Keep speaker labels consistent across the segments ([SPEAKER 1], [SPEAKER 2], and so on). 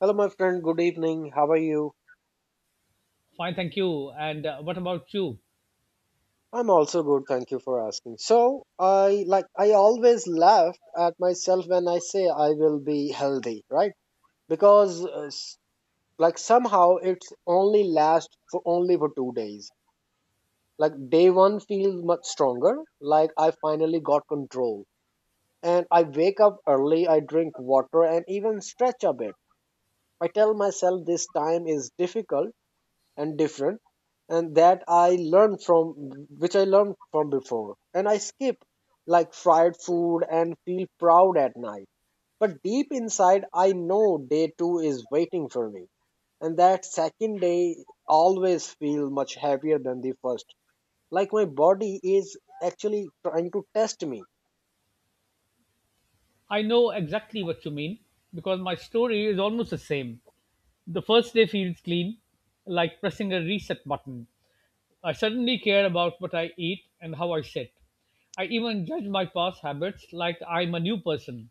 [SPEAKER 1] Hello, my friend. Good evening. How are you?
[SPEAKER 2] Fine, thank you. And what about you?
[SPEAKER 1] I'm also good. Thank you for asking. So, I always laugh at myself when I say I will be healthy, right? Because uh, s- like somehow it's only last for only for 2 days. Like day one feels much stronger. Like I finally got control, and I wake up early. I drink water and even stretch a bit. I tell myself this time is difficult, and different and that I learned from which I learned from before. And I skip like fried food and feel proud at night. But deep inside, I know day two is waiting for me. And that second day always feel much heavier than the first. Like my body is actually trying to test me.
[SPEAKER 2] I know exactly what you mean because my story is almost the same. The first day feels clean, like pressing a reset button. I suddenly care about what I eat and how I sit. I even judge my past habits like I'm a new person.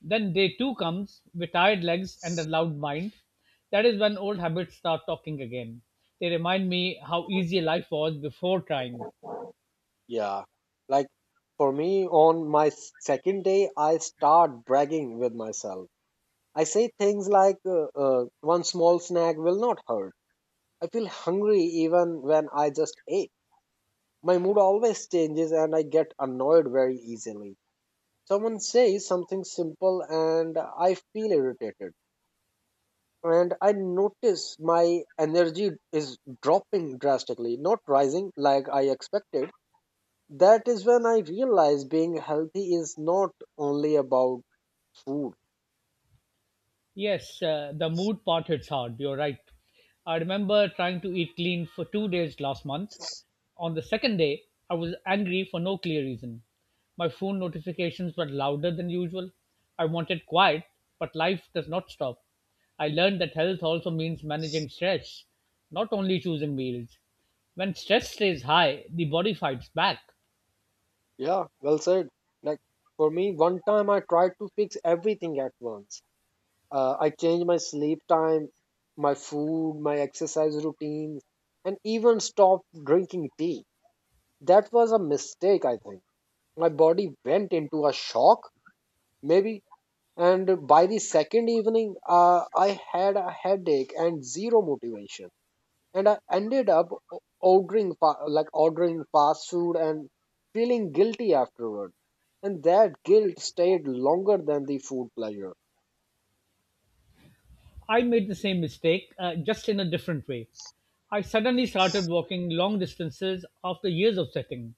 [SPEAKER 2] Then day two comes with tired legs and a loud mind. That is when old habits start talking again. They remind me how easy life was before trying.
[SPEAKER 1] Yeah. Like for me, on my second day, I start bragging with myself I say things like, one small snack will not hurt. I feel hungry even when I just ate. My mood always changes and I get annoyed very easily. Someone says something simple and I feel irritated. And I notice my energy is dropping drastically, not rising like I expected. That is when I realize being healthy is not only about food.
[SPEAKER 2] Yes, the mood part hits hard. You're right. I remember trying to eat clean for 2 days last month. On the second day, I was angry for no clear reason. My phone notifications were louder than usual. I wanted quiet, but life does not stop. I learned that health also means managing stress, not only choosing meals. When stress stays high, the body fights back.
[SPEAKER 1] Yeah, well said. Like for me, one time I tried to fix everything at once. I changed my sleep time, my food, my exercise routines, and even stopped drinking tea. That was a mistake, I think. My body went into a shock, maybe, and by the second evening, I had a headache and zero motivation and I ended up o- ordering fa- like ordering fast food and feeling guilty afterward. And that guilt stayed longer than the food pleasure.
[SPEAKER 2] I made the same mistake, just in a different way. I suddenly started walking long distances after years of sitting.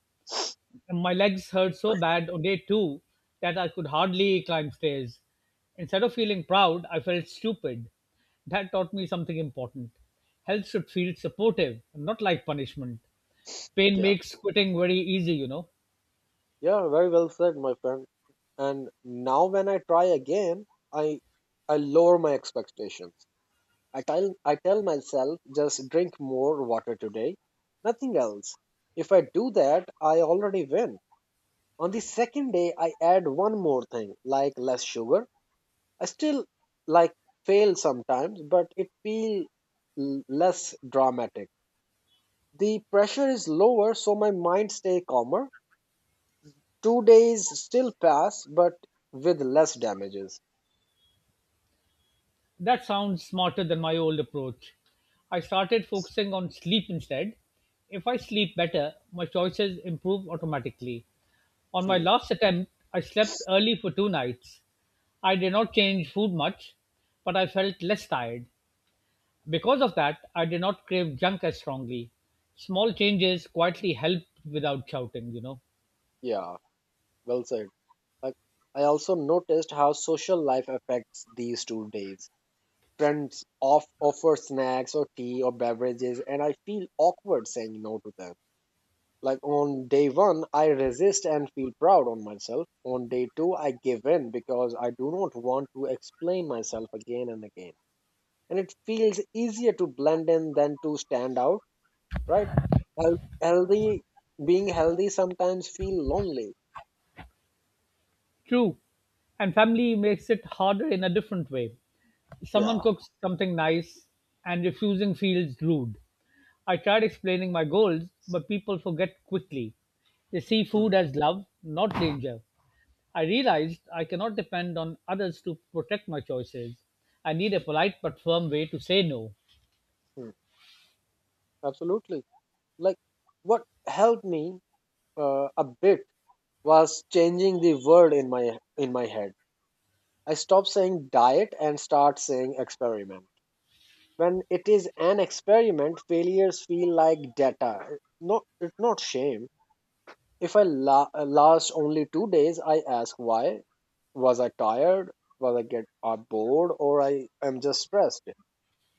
[SPEAKER 2] And my legs hurt so bad on day two that I could hardly climb stairs. Instead of feeling proud, I felt stupid. That taught me something important. Health should feel supportive, not like punishment. Pain
[SPEAKER 1] Yeah,
[SPEAKER 2] makes quitting very easy.
[SPEAKER 1] yeah, very well said, my friend. And now when I try again, I I lower my expectations. I tell myself just drink more water today, nothing else. If I do that, I already win. On the second day, I add one more thing like less sugar. I still like fail sometimes, but it feels less dramatic. The pressure is lower, so my mind stay calmer. 2 days still pass, but with less damages.
[SPEAKER 2] That sounds smarter than my old approach. I started focusing on sleep instead. If I sleep better, my choices improve automatically. On my
[SPEAKER 1] Hmm.
[SPEAKER 2] last attempt, I slept early for two nights. I did not change food much, but I felt less tired. Because of that, I did not crave junk as strongly. Small changes quietly help without shouting.
[SPEAKER 1] Yeah, well said. Like I also noticed how social life affects these 2 days. Friends offer snacks or tea or beverages, and I feel awkward saying no to them. Like on day one, I resist and feel proud on myself. On day two, I give in because I do not want to explain myself again and again. And it feels easier to blend in than to stand out, right? Health, healthy, Being healthy sometimes feel lonely.
[SPEAKER 2] True. And family makes it harder in a different way. Someone
[SPEAKER 1] Yeah.
[SPEAKER 2] cooks something nice and refusing feels rude. I tried explaining my goals, but people forget quickly. They see food
[SPEAKER 1] Hmm,
[SPEAKER 2] as love, not danger. I realized I cannot depend on others to protect my choices. I need a polite but firm way to say no.
[SPEAKER 1] hmm. Absolutely. Like what helped me a bit was changing the word in my head. I stopped saying diet and start saying experiment. When it is an experiment, failures feel like data, not it's not shame. If I last only 2 days, I ask why. Was I tired? Was I get bored or I am just stressed?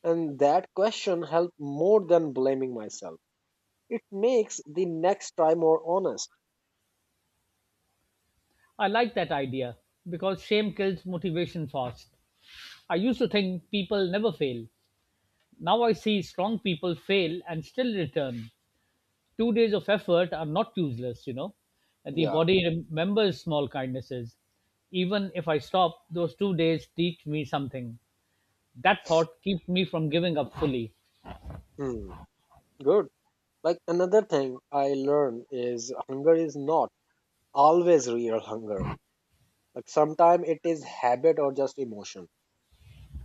[SPEAKER 1] And that question help more than blaming myself. It makes the next try more honest.
[SPEAKER 2] I like that idea because shame kills motivation fast. I used to think people never fail. Now I see strong people fail and still return. 2 days of effort are not useless. And the
[SPEAKER 1] Yeah.
[SPEAKER 2] body remembers small kindnesses. Even if I stop, those 2 days teach me something. That thought keeps me from giving up fully.
[SPEAKER 1] Hmm. Good. Like another thing I learned is hunger is not always real hunger. Like sometimes it is habit or just emotion.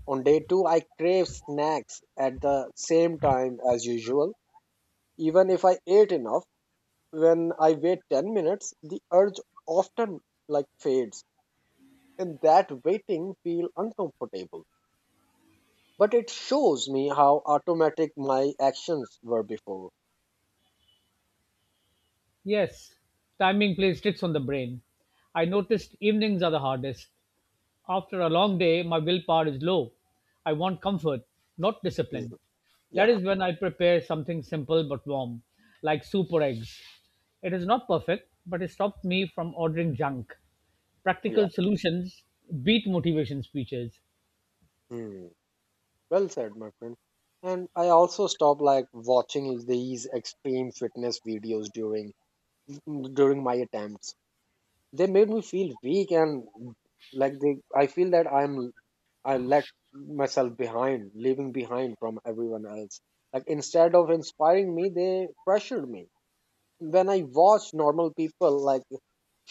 [SPEAKER 1] On day two, I crave snacks at the same time as usual. Even if I ate enough, when I wait 10 minutes, the urge often like fades. And that waiting feel uncomfortable. But it shows me how automatic my actions were before.
[SPEAKER 2] Yes, timing plays tricks on the brain. I noticed evenings are the hardest. After a long day, my willpower is low. I want comfort, not discipline.
[SPEAKER 1] Mhm.
[SPEAKER 2] That
[SPEAKER 1] Yeah,
[SPEAKER 2] is when I prepare something simple but warm, like soup or eggs. It is not perfect, but it stops me from ordering junk.
[SPEAKER 1] yeah.
[SPEAKER 2] Practical solutions beat motivation speeches.
[SPEAKER 1] Hmm. Well said, my friend. And I also stopped like watching these extreme fitness videos during my attempts. They made me feel weak and like they I feel that I'm I let myself behind leaving behind from everyone else. Like instead of inspiring me, they pressured me. When I watch normal people like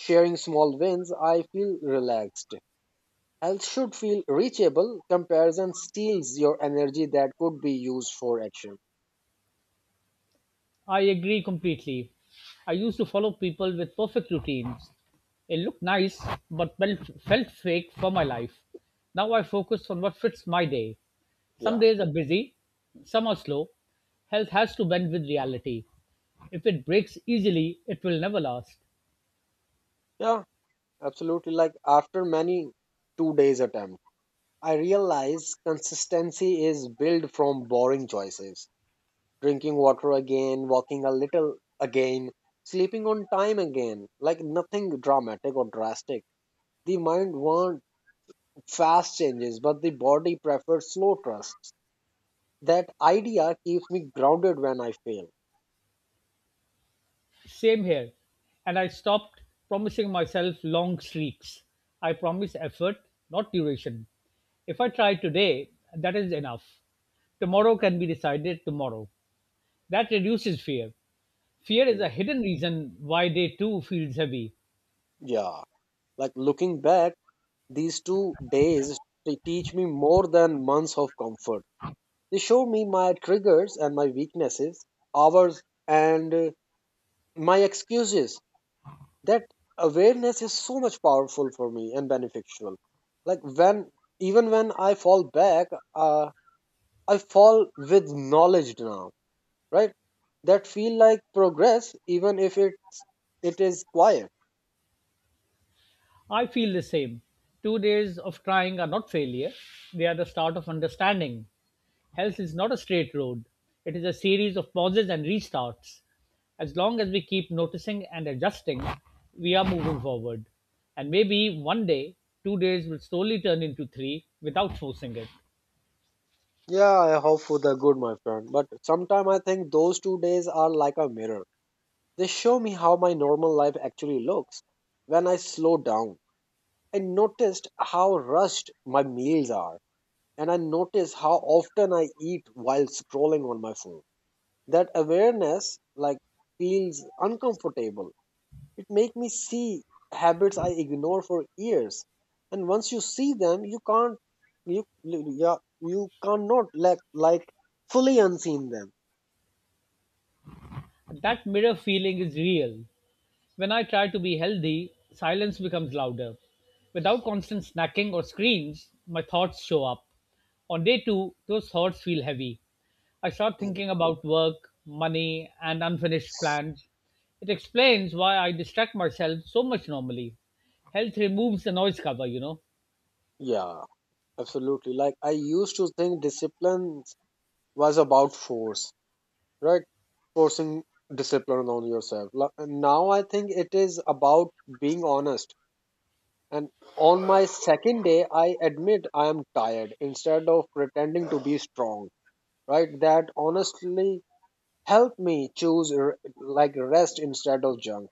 [SPEAKER 1] sharing small wins, I feel relaxed. Health should feel reachable. Comparison steals your energy that could be used for action.
[SPEAKER 2] I agree completely. I used to follow people with perfect routines. It looked nice, but felt fake for my life. Now I focus on what fits my day. Some
[SPEAKER 1] Yeah.
[SPEAKER 2] days are busy, some are slow. Health has to bend with reality. If it breaks easily, it will never last.
[SPEAKER 1] Yeah, absolutely. Like after many 2 days attempt, I realize consistency is built from boring choices. Drinking water again, walking a little again, sleeping on time again. Like nothing dramatic or drastic. The mind wants fast changes, but the body prefers slow trusts. That idea keeps me grounded when I fail.
[SPEAKER 2] Same here. And I stopped promising myself long streaks. I promise effort, not duration. If I try today, that is enough. Tomorrow can be decided tomorrow. That reduces fear. Fear is a
[SPEAKER 1] Mm.
[SPEAKER 2] hidden reason why day two feels heavy.
[SPEAKER 1] Yeah, like looking back, these 2 days they teach me more than months of comfort. They show me my triggers and my weaknesses, ours and my excuses. That awareness is so much powerful for me and beneficial. Like when even when I fall back, uh, I fall with knowledge now, right? That feel like progress, even if it's it is quiet.
[SPEAKER 2] I feel the same. 2 days of trying are not failure, they are the start of understanding. Health is not a straight road, it is a series of pauses and restarts. As long as we keep noticing and adjusting, we are moving forward. And maybe one day, 2 days will slowly turn into three without forcing it.
[SPEAKER 1] Yeah, I hope for the good, my friend. But sometime I think those 2 days are like a mirror. They show me how my normal life actually looks when I slow down. I noticed how rushed my meals are, and I notice how often I eat while scrolling on my phone. That awareness like feels uncomfortable. It makes me see habits I ignore for years, and once you see them, you can't you yeah you cannot like fully unseen them.
[SPEAKER 2] That mirror feeling is real. When I try to be healthy, silence becomes louder. Without constant snacking or screens, my thoughts show up. On day two, those thoughts feel heavy. I start
[SPEAKER 1] Mhm.
[SPEAKER 2] thinking about work, money, and unfinished plans. It explains why I distract myself so much normally. Health removes the noise cover.
[SPEAKER 1] Yeah, absolutely. Like I used to think discipline was about force, right? Forcing discipline on yourself. Now I think it is about being honest. And on my second day, I admit I am tired instead of pretending to be strong, right? That honestly helped me choose rest instead of junk.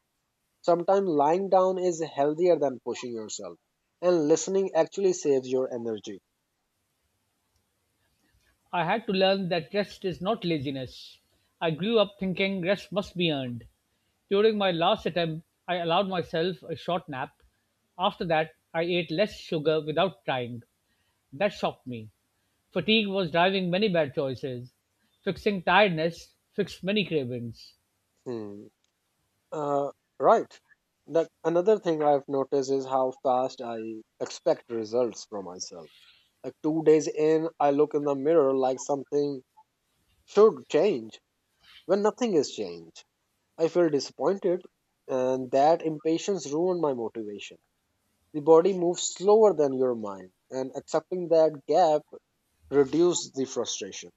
[SPEAKER 1] Sometimes lying down is healthier than pushing yourself, and listening actually saves your energy.
[SPEAKER 2] I had to learn that rest is not laziness. I grew up thinking rest must be earned. During my last attempt, I allowed myself a short nap. After that, I ate less sugar without trying. That shocked me. Fatigue was driving many bad choices. Fixing tiredness fixed many cravings.
[SPEAKER 1] Hmm. Uh, right. That another thing I've noticed is how fast I expect results from myself. Like 2 days in, I look in the mirror like something should change when nothing is changed. I feel disappointed, and that impatience ruined my motivation. The body moves slower than your mind, and accepting that gap reduces the frustration.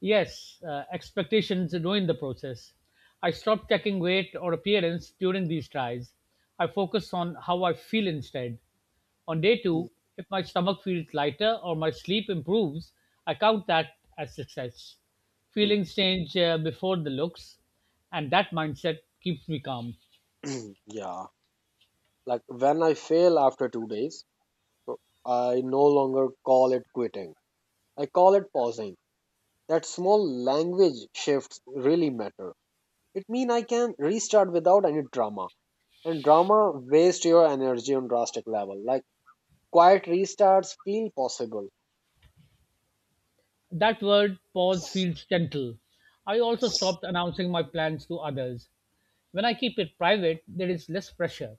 [SPEAKER 2] Yes, expectations ruined the process. I stopped checking weight or appearance during these tries. I focused on how I feel instead. On day two, if my stomach feels lighter or my sleep improves, I count that as success.
[SPEAKER 1] Hmm.
[SPEAKER 2] Feelings change before the looks, and that mindset keeps me calm.
[SPEAKER 1] Yeah, like when I fail after 2 days, so I no longer call it quitting. I call it pausing. That small language shifts really matter. It means I can restart without any drama. And drama wastes your energy on drastic level. Like quiet restarts feel possible.
[SPEAKER 2] That word pause feels gentle. I also stopped announcing my plans to others. When I keep it private, there is less pressure.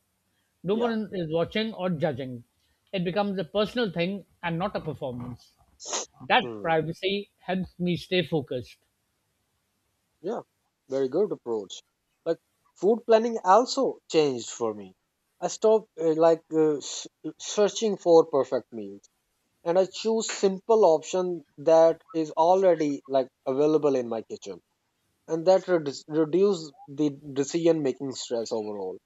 [SPEAKER 2] No
[SPEAKER 1] Yeah.
[SPEAKER 2] one is watching or judging. It becomes a personal thing and not a performance. That
[SPEAKER 1] Hmm.
[SPEAKER 2] privacy helps me stay focused.
[SPEAKER 1] Yeah. Very good approach. Like food planning also changed for me. I stopped searching for perfect meals and I choose simple option that is already like available in my kitchen and that reduce the decision making stress overall.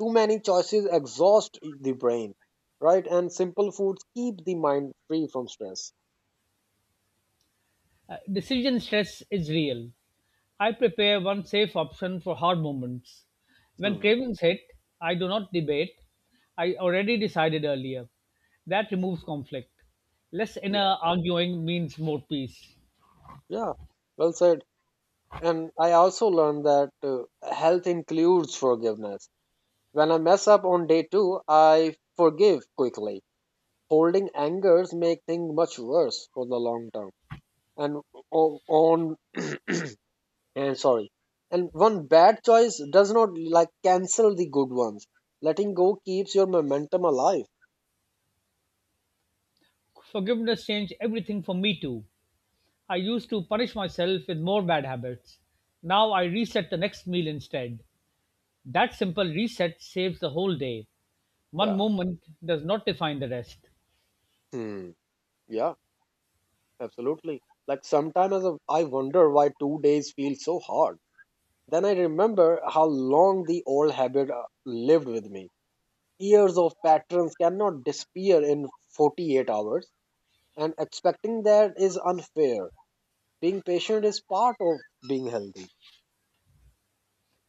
[SPEAKER 1] Too many choices exhaust the brain, right? And simple foods keep the mind free from stress.
[SPEAKER 2] Decision stress is real. I prepare one safe option for hard moments. When
[SPEAKER 1] Hmm.
[SPEAKER 2] cravings hit, I do not debate. I already decided earlier. That removes conflict. Less
[SPEAKER 1] Yeah,
[SPEAKER 2] inner arguing means more peace.
[SPEAKER 1] yeah, well said. And I also learned that health includes forgiveness. When I mess up on day two, I forgive quickly. Holding angers make things much worse for the long term. And o- on and sorry, and one bad choice does not like cancel the good ones. Letting go keeps your momentum alive.
[SPEAKER 2] Forgiveness changed everything for me too. I used to punish myself with more bad habits. Now I reset the next meal instead. That simple reset saves the whole day. One
[SPEAKER 1] Yeah.
[SPEAKER 2] moment does not define the rest.
[SPEAKER 1] Hmm. Yeah, absolutely. Like sometimes I wonder why 2 days feel so hard. Then I remember how long the old habit lived with me. Years of patterns cannot disappear in 48 hours, and expecting that is unfair. Being patient is part of being healthy.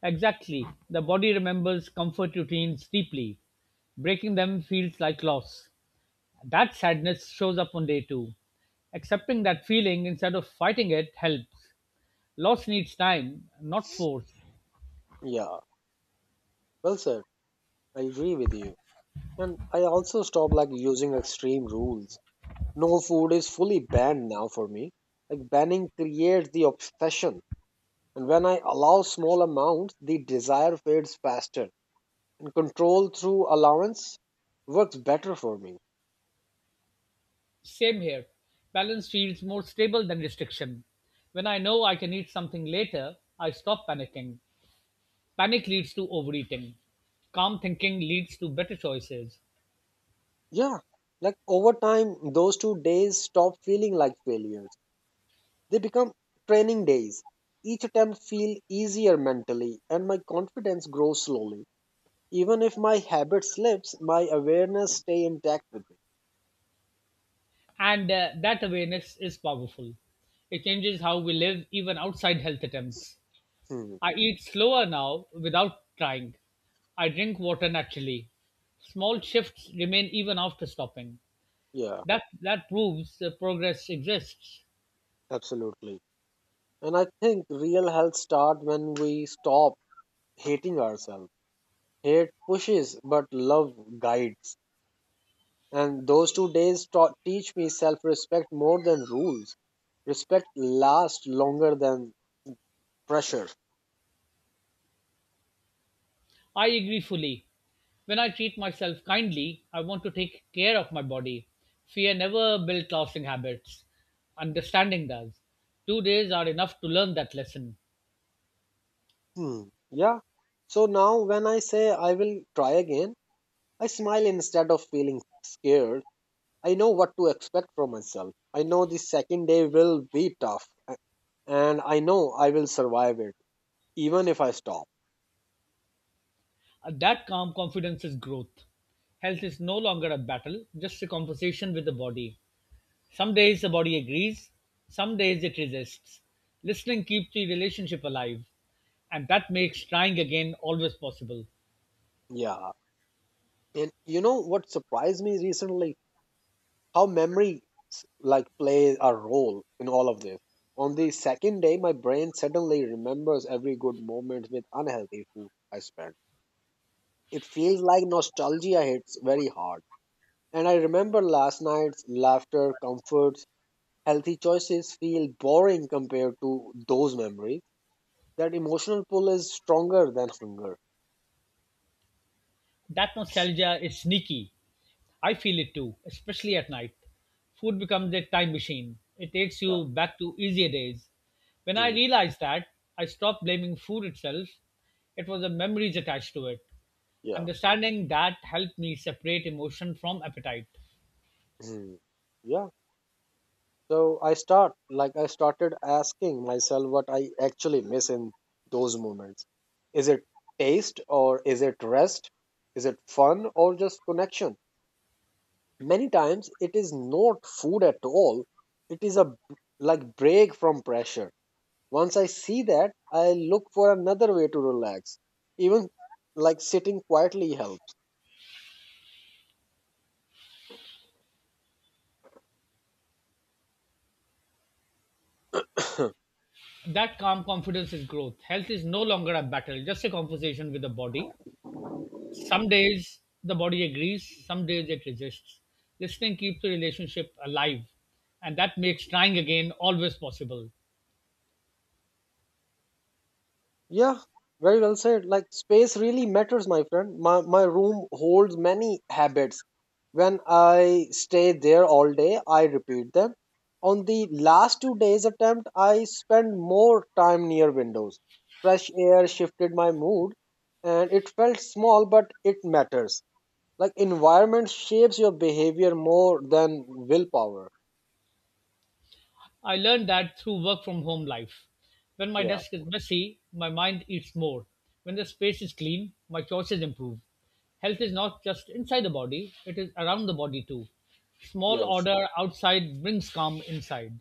[SPEAKER 2] Exactly. The body remembers comfort routines deeply. Breaking them feels like loss. That sadness shows up on day two. Accepting that feeling instead of fighting it helps. Loss needs time, not force.
[SPEAKER 1] Yeah, well said, I agree with you. And I also stopped like using extreme rules. No food is fully banned now for me. Like banning creates the obsession. And when I allow small amounts, the desire fades faster. And control through allowance works better for me.
[SPEAKER 2] Same here. Balance feels more stable than restriction. When I know I can eat something later, I stop panicking. Panic leads to overeating. Calm thinking leads to better choices.
[SPEAKER 1] Yeah. Like over time, those 2 days stop feeling like failures. They become training days. Each attempt feels easier mentally and my confidence grows slowly. Even if my habit slips, my awareness stay intact with.
[SPEAKER 2] And that awareness is powerful. It changes how we live even outside health attempts.
[SPEAKER 1] Hmm.
[SPEAKER 2] I eat slower now without trying. I drink water naturally. Small shifts remain even after stopping.
[SPEAKER 1] Yeah,
[SPEAKER 2] That proves that progress exists.
[SPEAKER 1] absolutely. And I think real health starts when we stop hating ourselves. Hate pushes, but love guides. And those 2 days taught teach me self respect more than rules. Respect lasts longer than pressure.
[SPEAKER 2] I agree fully. When I treat myself kindly, I want to take care of my body. Fear never built lasting habits. Understanding does. 2 days are enough to learn that lesson.
[SPEAKER 1] Hmm. Yeah. So now when I say I will try again, I smile instead of feeling scared. I know what to expect from myself. I know the second day will be tough and I know I will survive it, even if I stop.
[SPEAKER 2] That calm confidence is growth. Health is no longer a battle, just a conversation with the body. Some days the body agrees, some days it resists. Listening keeps the relationship alive, and that makes trying again always possible.
[SPEAKER 1] Yeah. And you know what surprised me recently? How memory play a role in all of this. On the second day, my brain suddenly remembers every good moment with unhealthy food I spent. It feels like nostalgia hits very hard. And I remember last night's laughter, comforts, healthy choices feel boring compared to those memories. That emotional pull is stronger than hunger.
[SPEAKER 2] That nostalgia is sneaky. I feel it too, especially at night. Food becomes a time machine, it takes
[SPEAKER 1] Yeah.
[SPEAKER 2] you back to easier days. When I
[SPEAKER 1] Hmm.
[SPEAKER 2] realized that, I stopped blaming food itself. It was the memories attached to it.
[SPEAKER 1] Yeah.
[SPEAKER 2] Understanding that helped me separate emotion from appetite.
[SPEAKER 1] Mm. Yeah. So I started asking myself what I actually miss in those moments. Is it taste or is it rest? Is it fun or just connection? Many times it is not food at all. It is a break from pressure. Once I see that, I look for another way to relax. Even like sitting quietly helps.
[SPEAKER 2] That calm confidence is growth. Health is no longer a battle, just a conversation with the body. Some days the body agrees, some days it resists. Listening keeps the relationship alive, and that makes trying again always possible.
[SPEAKER 1] Yeah, very well said. Like space really matters, my friend. My room holds many habits. When I stay there all day, I repeat them. On the last 2-day attempt, I spent more time near windows. Fresh air shifted my mood and it felt small but it matters. Like environment shapes your behavior more than willpower.
[SPEAKER 2] I learned that through work from home life. When my
[SPEAKER 1] Yeah,
[SPEAKER 2] desk is messy, my mind eats more. When the space is clean, my choices improve. Health is not just inside the body, it is around the body too. Small
[SPEAKER 1] yes.
[SPEAKER 2] order outside brings calm inside.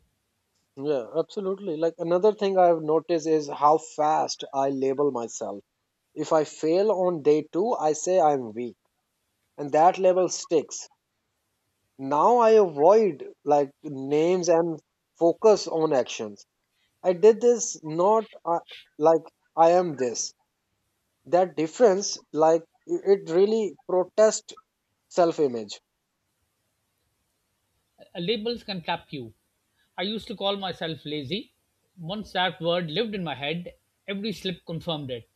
[SPEAKER 1] Yeah, absolutely. Like another thing I've noticed is how fast I label myself. If I fail on day two, I say I'm weak, and that level sticks. Now I avoid like names and focus on actions. I did this, not like I am this. That difference, like it really protests self image.
[SPEAKER 2] Labels can trap you. I used to call myself lazy. Once that word lived in my head, every slip confirmed it.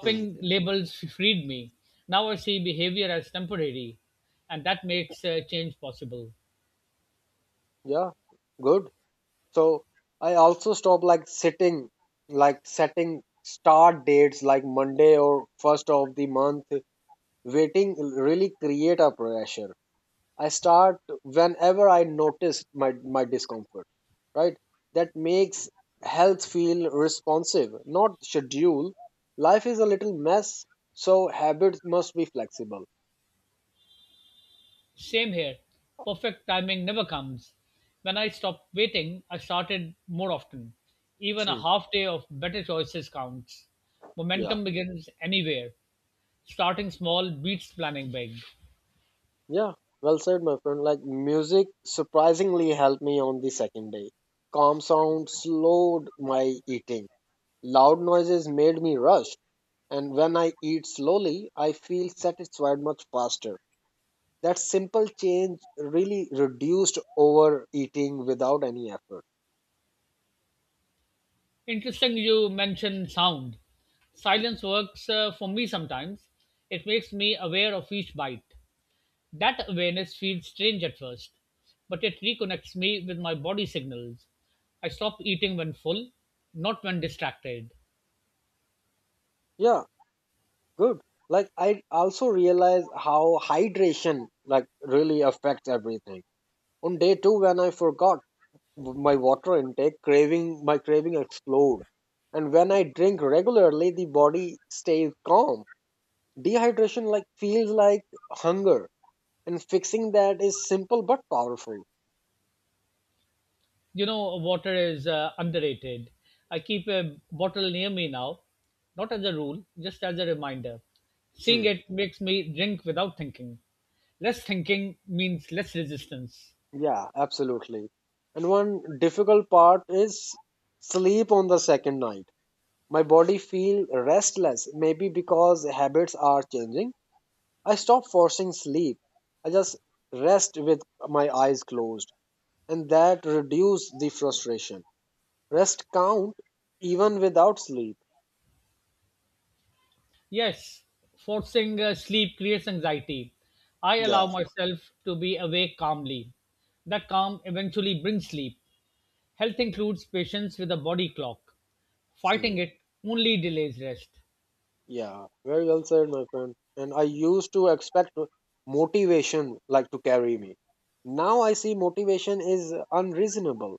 [SPEAKER 1] Hmm.
[SPEAKER 2] labels freed me. Now I see behavior as temporary, and that makes change possible.
[SPEAKER 1] Yeah, good. So I also stop like sitting, like setting start dates like Monday or first of the month. Waiting really create a pressure. I start whenever I notice my discomfort, right? That makes health feel responsive, not schedule. Life is a little mess, so habits must be flexible.
[SPEAKER 2] Same here. Perfect timing never comes. When I stopped waiting, I started more often. Even a
[SPEAKER 1] Hmm.
[SPEAKER 2] half day of better choices counts.
[SPEAKER 1] Yeah,
[SPEAKER 2] Momentum begins anywhere. Starting small beats planning big.
[SPEAKER 1] yeah. Well said, my friend. Like music surprisingly helped me on the second day. Calm sounds slowed my eating. Loud noises made me rush, and when I eat slowly, I feel satisfied much faster. That simple change really reduced overeating without any effort.
[SPEAKER 2] Interesting you mentioned sound. Silence works for me sometimes. It makes me aware of each bite. That awareness feels strange at first, but it reconnects me with my body signals. I stop eating when full, not when distracted.
[SPEAKER 1] Yeah, good. Like I also realize how hydration like really affects everything on day 2 when I forgot my water intake, craving explode, and when I drink regularly the body stays calm. Dehydration like feels like hunger, and fixing that is simple but powerful.
[SPEAKER 2] Water is underrated. I keep a bottle near me now, not as a rule, just as a reminder. Seeing
[SPEAKER 1] Hmm.
[SPEAKER 2] it makes me drink without thinking. Less thinking means less resistance.
[SPEAKER 1] Yeah, absolutely. And one difficult part is sleep on the second night. My body feel restless, maybe because habits are changing. I stop forcing sleep. I just rest with my eyes closed, and that reduce the frustration. Rest count even without sleep.
[SPEAKER 2] Yes, forcing sleep creates anxiety. I
[SPEAKER 1] Yeah.
[SPEAKER 2] allow myself to be awake calmly. That calm eventually brings sleep. Health includes patience with a body clock. Fighting
[SPEAKER 1] Hmm.
[SPEAKER 2] it only delays rest.
[SPEAKER 1] Yeah, very well said, my friend. And I used to expect motivation like to carry me. Now I see motivation is unreasonable.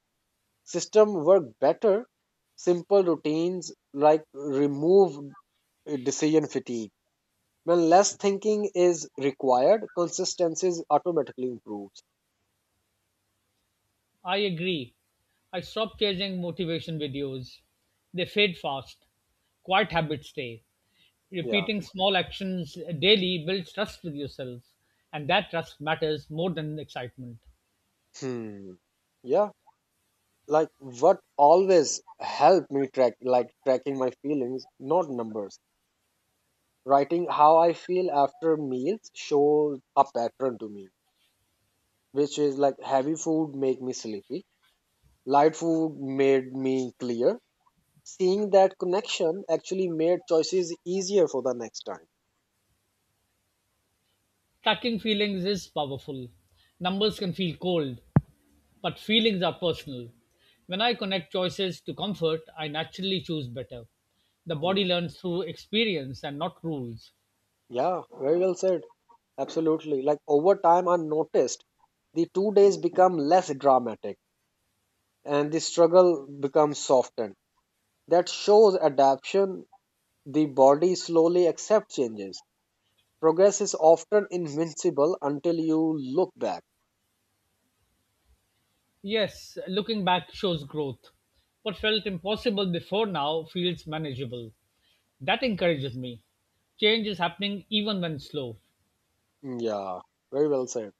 [SPEAKER 1] System work better. Simple routines like remove decision fatigue. When less thinking is required, consistency automatically improves.
[SPEAKER 2] I agree. I stop chasing motivation videos. They fade fast. Quiet habits stay.
[SPEAKER 1] Yeah.
[SPEAKER 2] Repeating small actions daily builds trust with yourself, and that trust matters more than excitement.
[SPEAKER 1] Hmm. Yeah. Like what always helped me track like tracking my feelings, not numbers. Writing how I feel after meals shows a pattern to me, which is like heavy food make me sleepy, light food made me clear. Seeing that connection actually made choices easier for the next time.
[SPEAKER 2] Tracking feelings is powerful. Numbers can feel cold, but feelings are personal. When I connect choices to comfort, I naturally choose better. The
[SPEAKER 1] Hmm.
[SPEAKER 2] body learns through experience and not rules.
[SPEAKER 1] Yeah, very well said. Absolutely. Like over time, I noticed the two days become less dramatic and the struggle becomes softened. That shows adaptation. The body slowly accepts changes. Progress is often invincible until you look back.
[SPEAKER 2] Yes, looking back shows growth. What felt impossible before now feels manageable. That encourages me. Change is happening even when slow.
[SPEAKER 1] Yeah, very well said.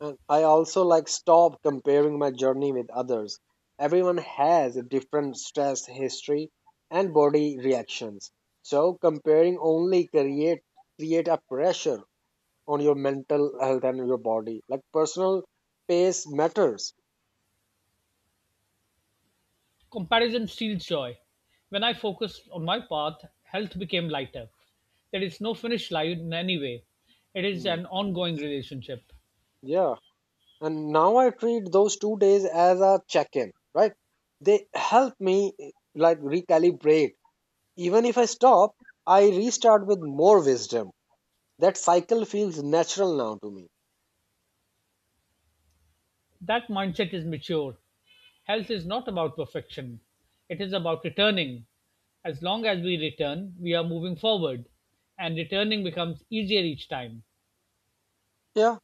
[SPEAKER 1] And I also like stop comparing my journey with others. Everyone has a different stress history and body reactions. So comparing only create a pressure on your mental health and your body. Like personal pace matters.
[SPEAKER 2] Comparison steals joy. When I focused on my path, health became lighter. There is no finish line in any way. It is
[SPEAKER 1] Hmm.
[SPEAKER 2] an ongoing relationship.
[SPEAKER 1] Yeah. And now I treat those two days as a check-in, right? They help me like recalibrate. Even if I stop, I restart with more wisdom. That cycle feels natural now to me.
[SPEAKER 2] That mindset is mature. Health is not about perfection, it is about returning. As long as we return, we are moving forward, and returning becomes easier each time.
[SPEAKER 1] Yeah.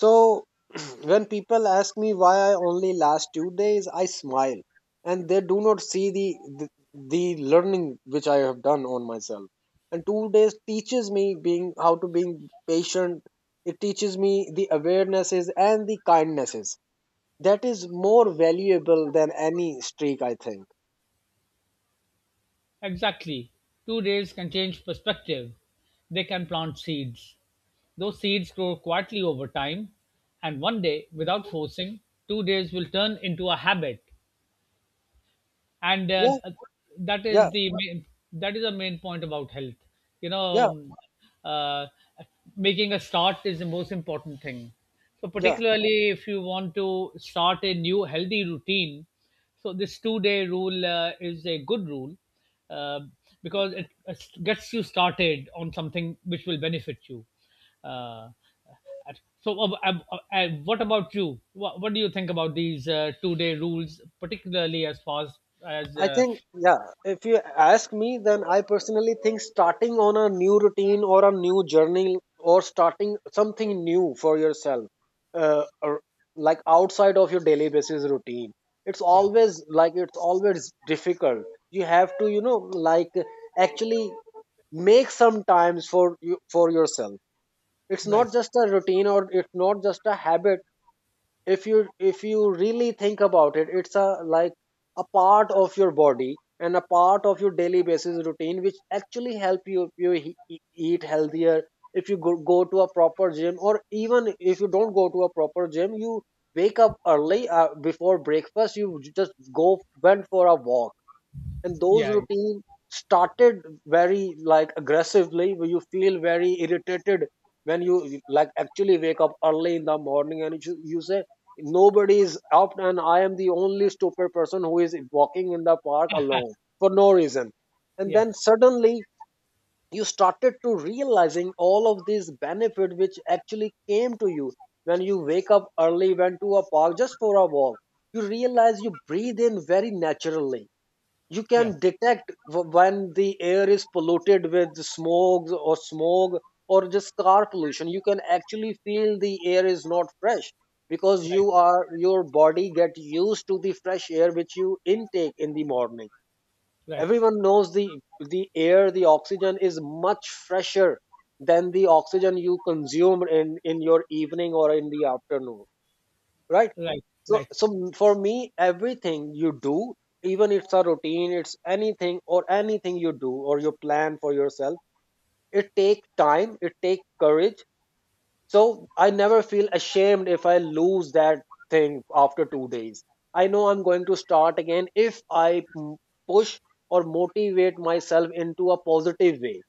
[SPEAKER 1] So when people ask me why I only last two days, I smile, and they do not see the the learning which I have done on myself. And two days teaches me being how to being patient. It teaches me the awarenesses and the kindnesses. That is more valuable than any streak, I think.
[SPEAKER 2] Exactly. 2 days can change perspective. They can plant seeds. Those seeds grow quietly over time, and one day, without forcing, 2 days will turn into a habit, and
[SPEAKER 1] Yeah,
[SPEAKER 2] that is
[SPEAKER 1] yeah,
[SPEAKER 2] the main point about health, you
[SPEAKER 1] yeah,
[SPEAKER 2] know uh, making a start is the most important thing, so
[SPEAKER 1] yeah.
[SPEAKER 2] particularly if you want to start a new healthy routine, so this 2-day rule is a good rule, uh, because it gets you started on something which will benefit you. Uh, so, uh, uh, uh, uh, what about you? What do you think about these two-day rules, particularly as far as, as
[SPEAKER 1] I
[SPEAKER 2] uh,
[SPEAKER 1] think, yeah, if you ask me, then I personally think starting on a new routine or a new journey or starting something new for yourself, or like outside of your daily basis routine, it's
[SPEAKER 2] yeah,
[SPEAKER 1] always difficult. You have to, you know, like actually make some times for you for yourself. It's
[SPEAKER 2] right,
[SPEAKER 1] not just a routine or it's not just a habit. If you really think about it, it's a like a part of your body and a part of your daily basis routine which actually help you eat healthier. If you go to a proper gym, or even if you don't go to a proper gym, you wake up early, before breakfast you just go went for a walk. And those
[SPEAKER 2] yeah,
[SPEAKER 1] routines started very like aggressively, where you feel very irritated when you like actually wake up early in the morning and you say, nobody is up and I am the only stupid person who is walking in the park alone for no reason. And
[SPEAKER 2] yeah,
[SPEAKER 1] then suddenly you started to realizing all of these benefit which actually came to you when you wake up early, went to a park just for a walk. You realize you breathe in very naturally. You
[SPEAKER 2] yeah,
[SPEAKER 1] can detect when the air is polluted with smog or smog or just car pollution. You can actually feel the air is not fresh because
[SPEAKER 2] right,
[SPEAKER 1] you are your body get used to the fresh air which you intake in the morning.
[SPEAKER 2] right,
[SPEAKER 1] Everyone knows the air the oxygen is much fresher than the oxygen you consume in your evening or in the afternoon, right?
[SPEAKER 2] right,
[SPEAKER 1] so
[SPEAKER 2] right.
[SPEAKER 1] so for me, everything you do, even it's a routine, it's anything or anything you do or you plan for yourself, it takes time, it takes courage. So I never feel ashamed if I lose that thing after 2 days. I know I'm going to start again. If I m- push or motivate myself into a positive way,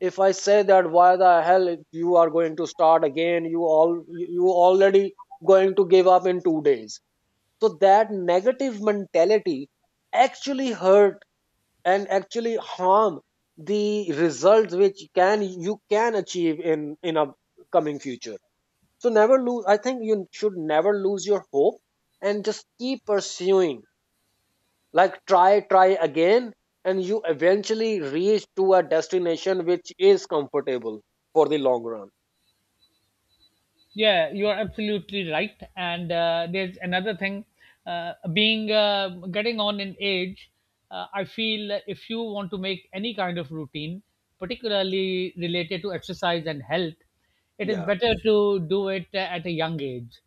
[SPEAKER 1] if I say that, why the hell you are going to start again, you all, you already going to give up in 2 days, so that negative mentality actually hurt and actually harm the results which can you can achieve in a coming future. So never lose. I think you should never lose your hope and just keep pursuing. Like try again, and you eventually reach to a destination which is comfortable for the long run.
[SPEAKER 2] Yeah, you are absolutely right. And there's another thing, being getting on in age, I feel if you want to make any kind of routine, particularly related to exercise and health, it is
[SPEAKER 1] Yeah.
[SPEAKER 2] better to do it at a young age.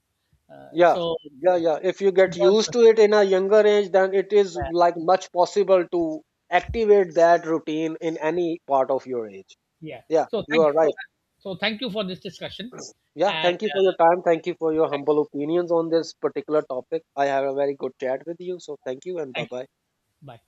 [SPEAKER 2] Uh,
[SPEAKER 1] Yeah,
[SPEAKER 2] so,
[SPEAKER 1] yeah, yeah. If you get
[SPEAKER 2] because,
[SPEAKER 1] used to it in a younger age, then it is
[SPEAKER 2] yeah.
[SPEAKER 1] like much possible to activate that routine in any part of your age.
[SPEAKER 2] Yeah.
[SPEAKER 1] Yeah,
[SPEAKER 2] So
[SPEAKER 1] you
[SPEAKER 2] thank
[SPEAKER 1] are
[SPEAKER 2] you for
[SPEAKER 1] right.
[SPEAKER 2] that. So thank you for this discussion,
[SPEAKER 1] Yeah,
[SPEAKER 2] and
[SPEAKER 1] thank you for your time. Thank you for your
[SPEAKER 2] thank,
[SPEAKER 1] humble opinions on this particular topic. I have a very good chat with you. So thank you and bye
[SPEAKER 2] thank you.
[SPEAKER 1] bye.
[SPEAKER 2] Bye.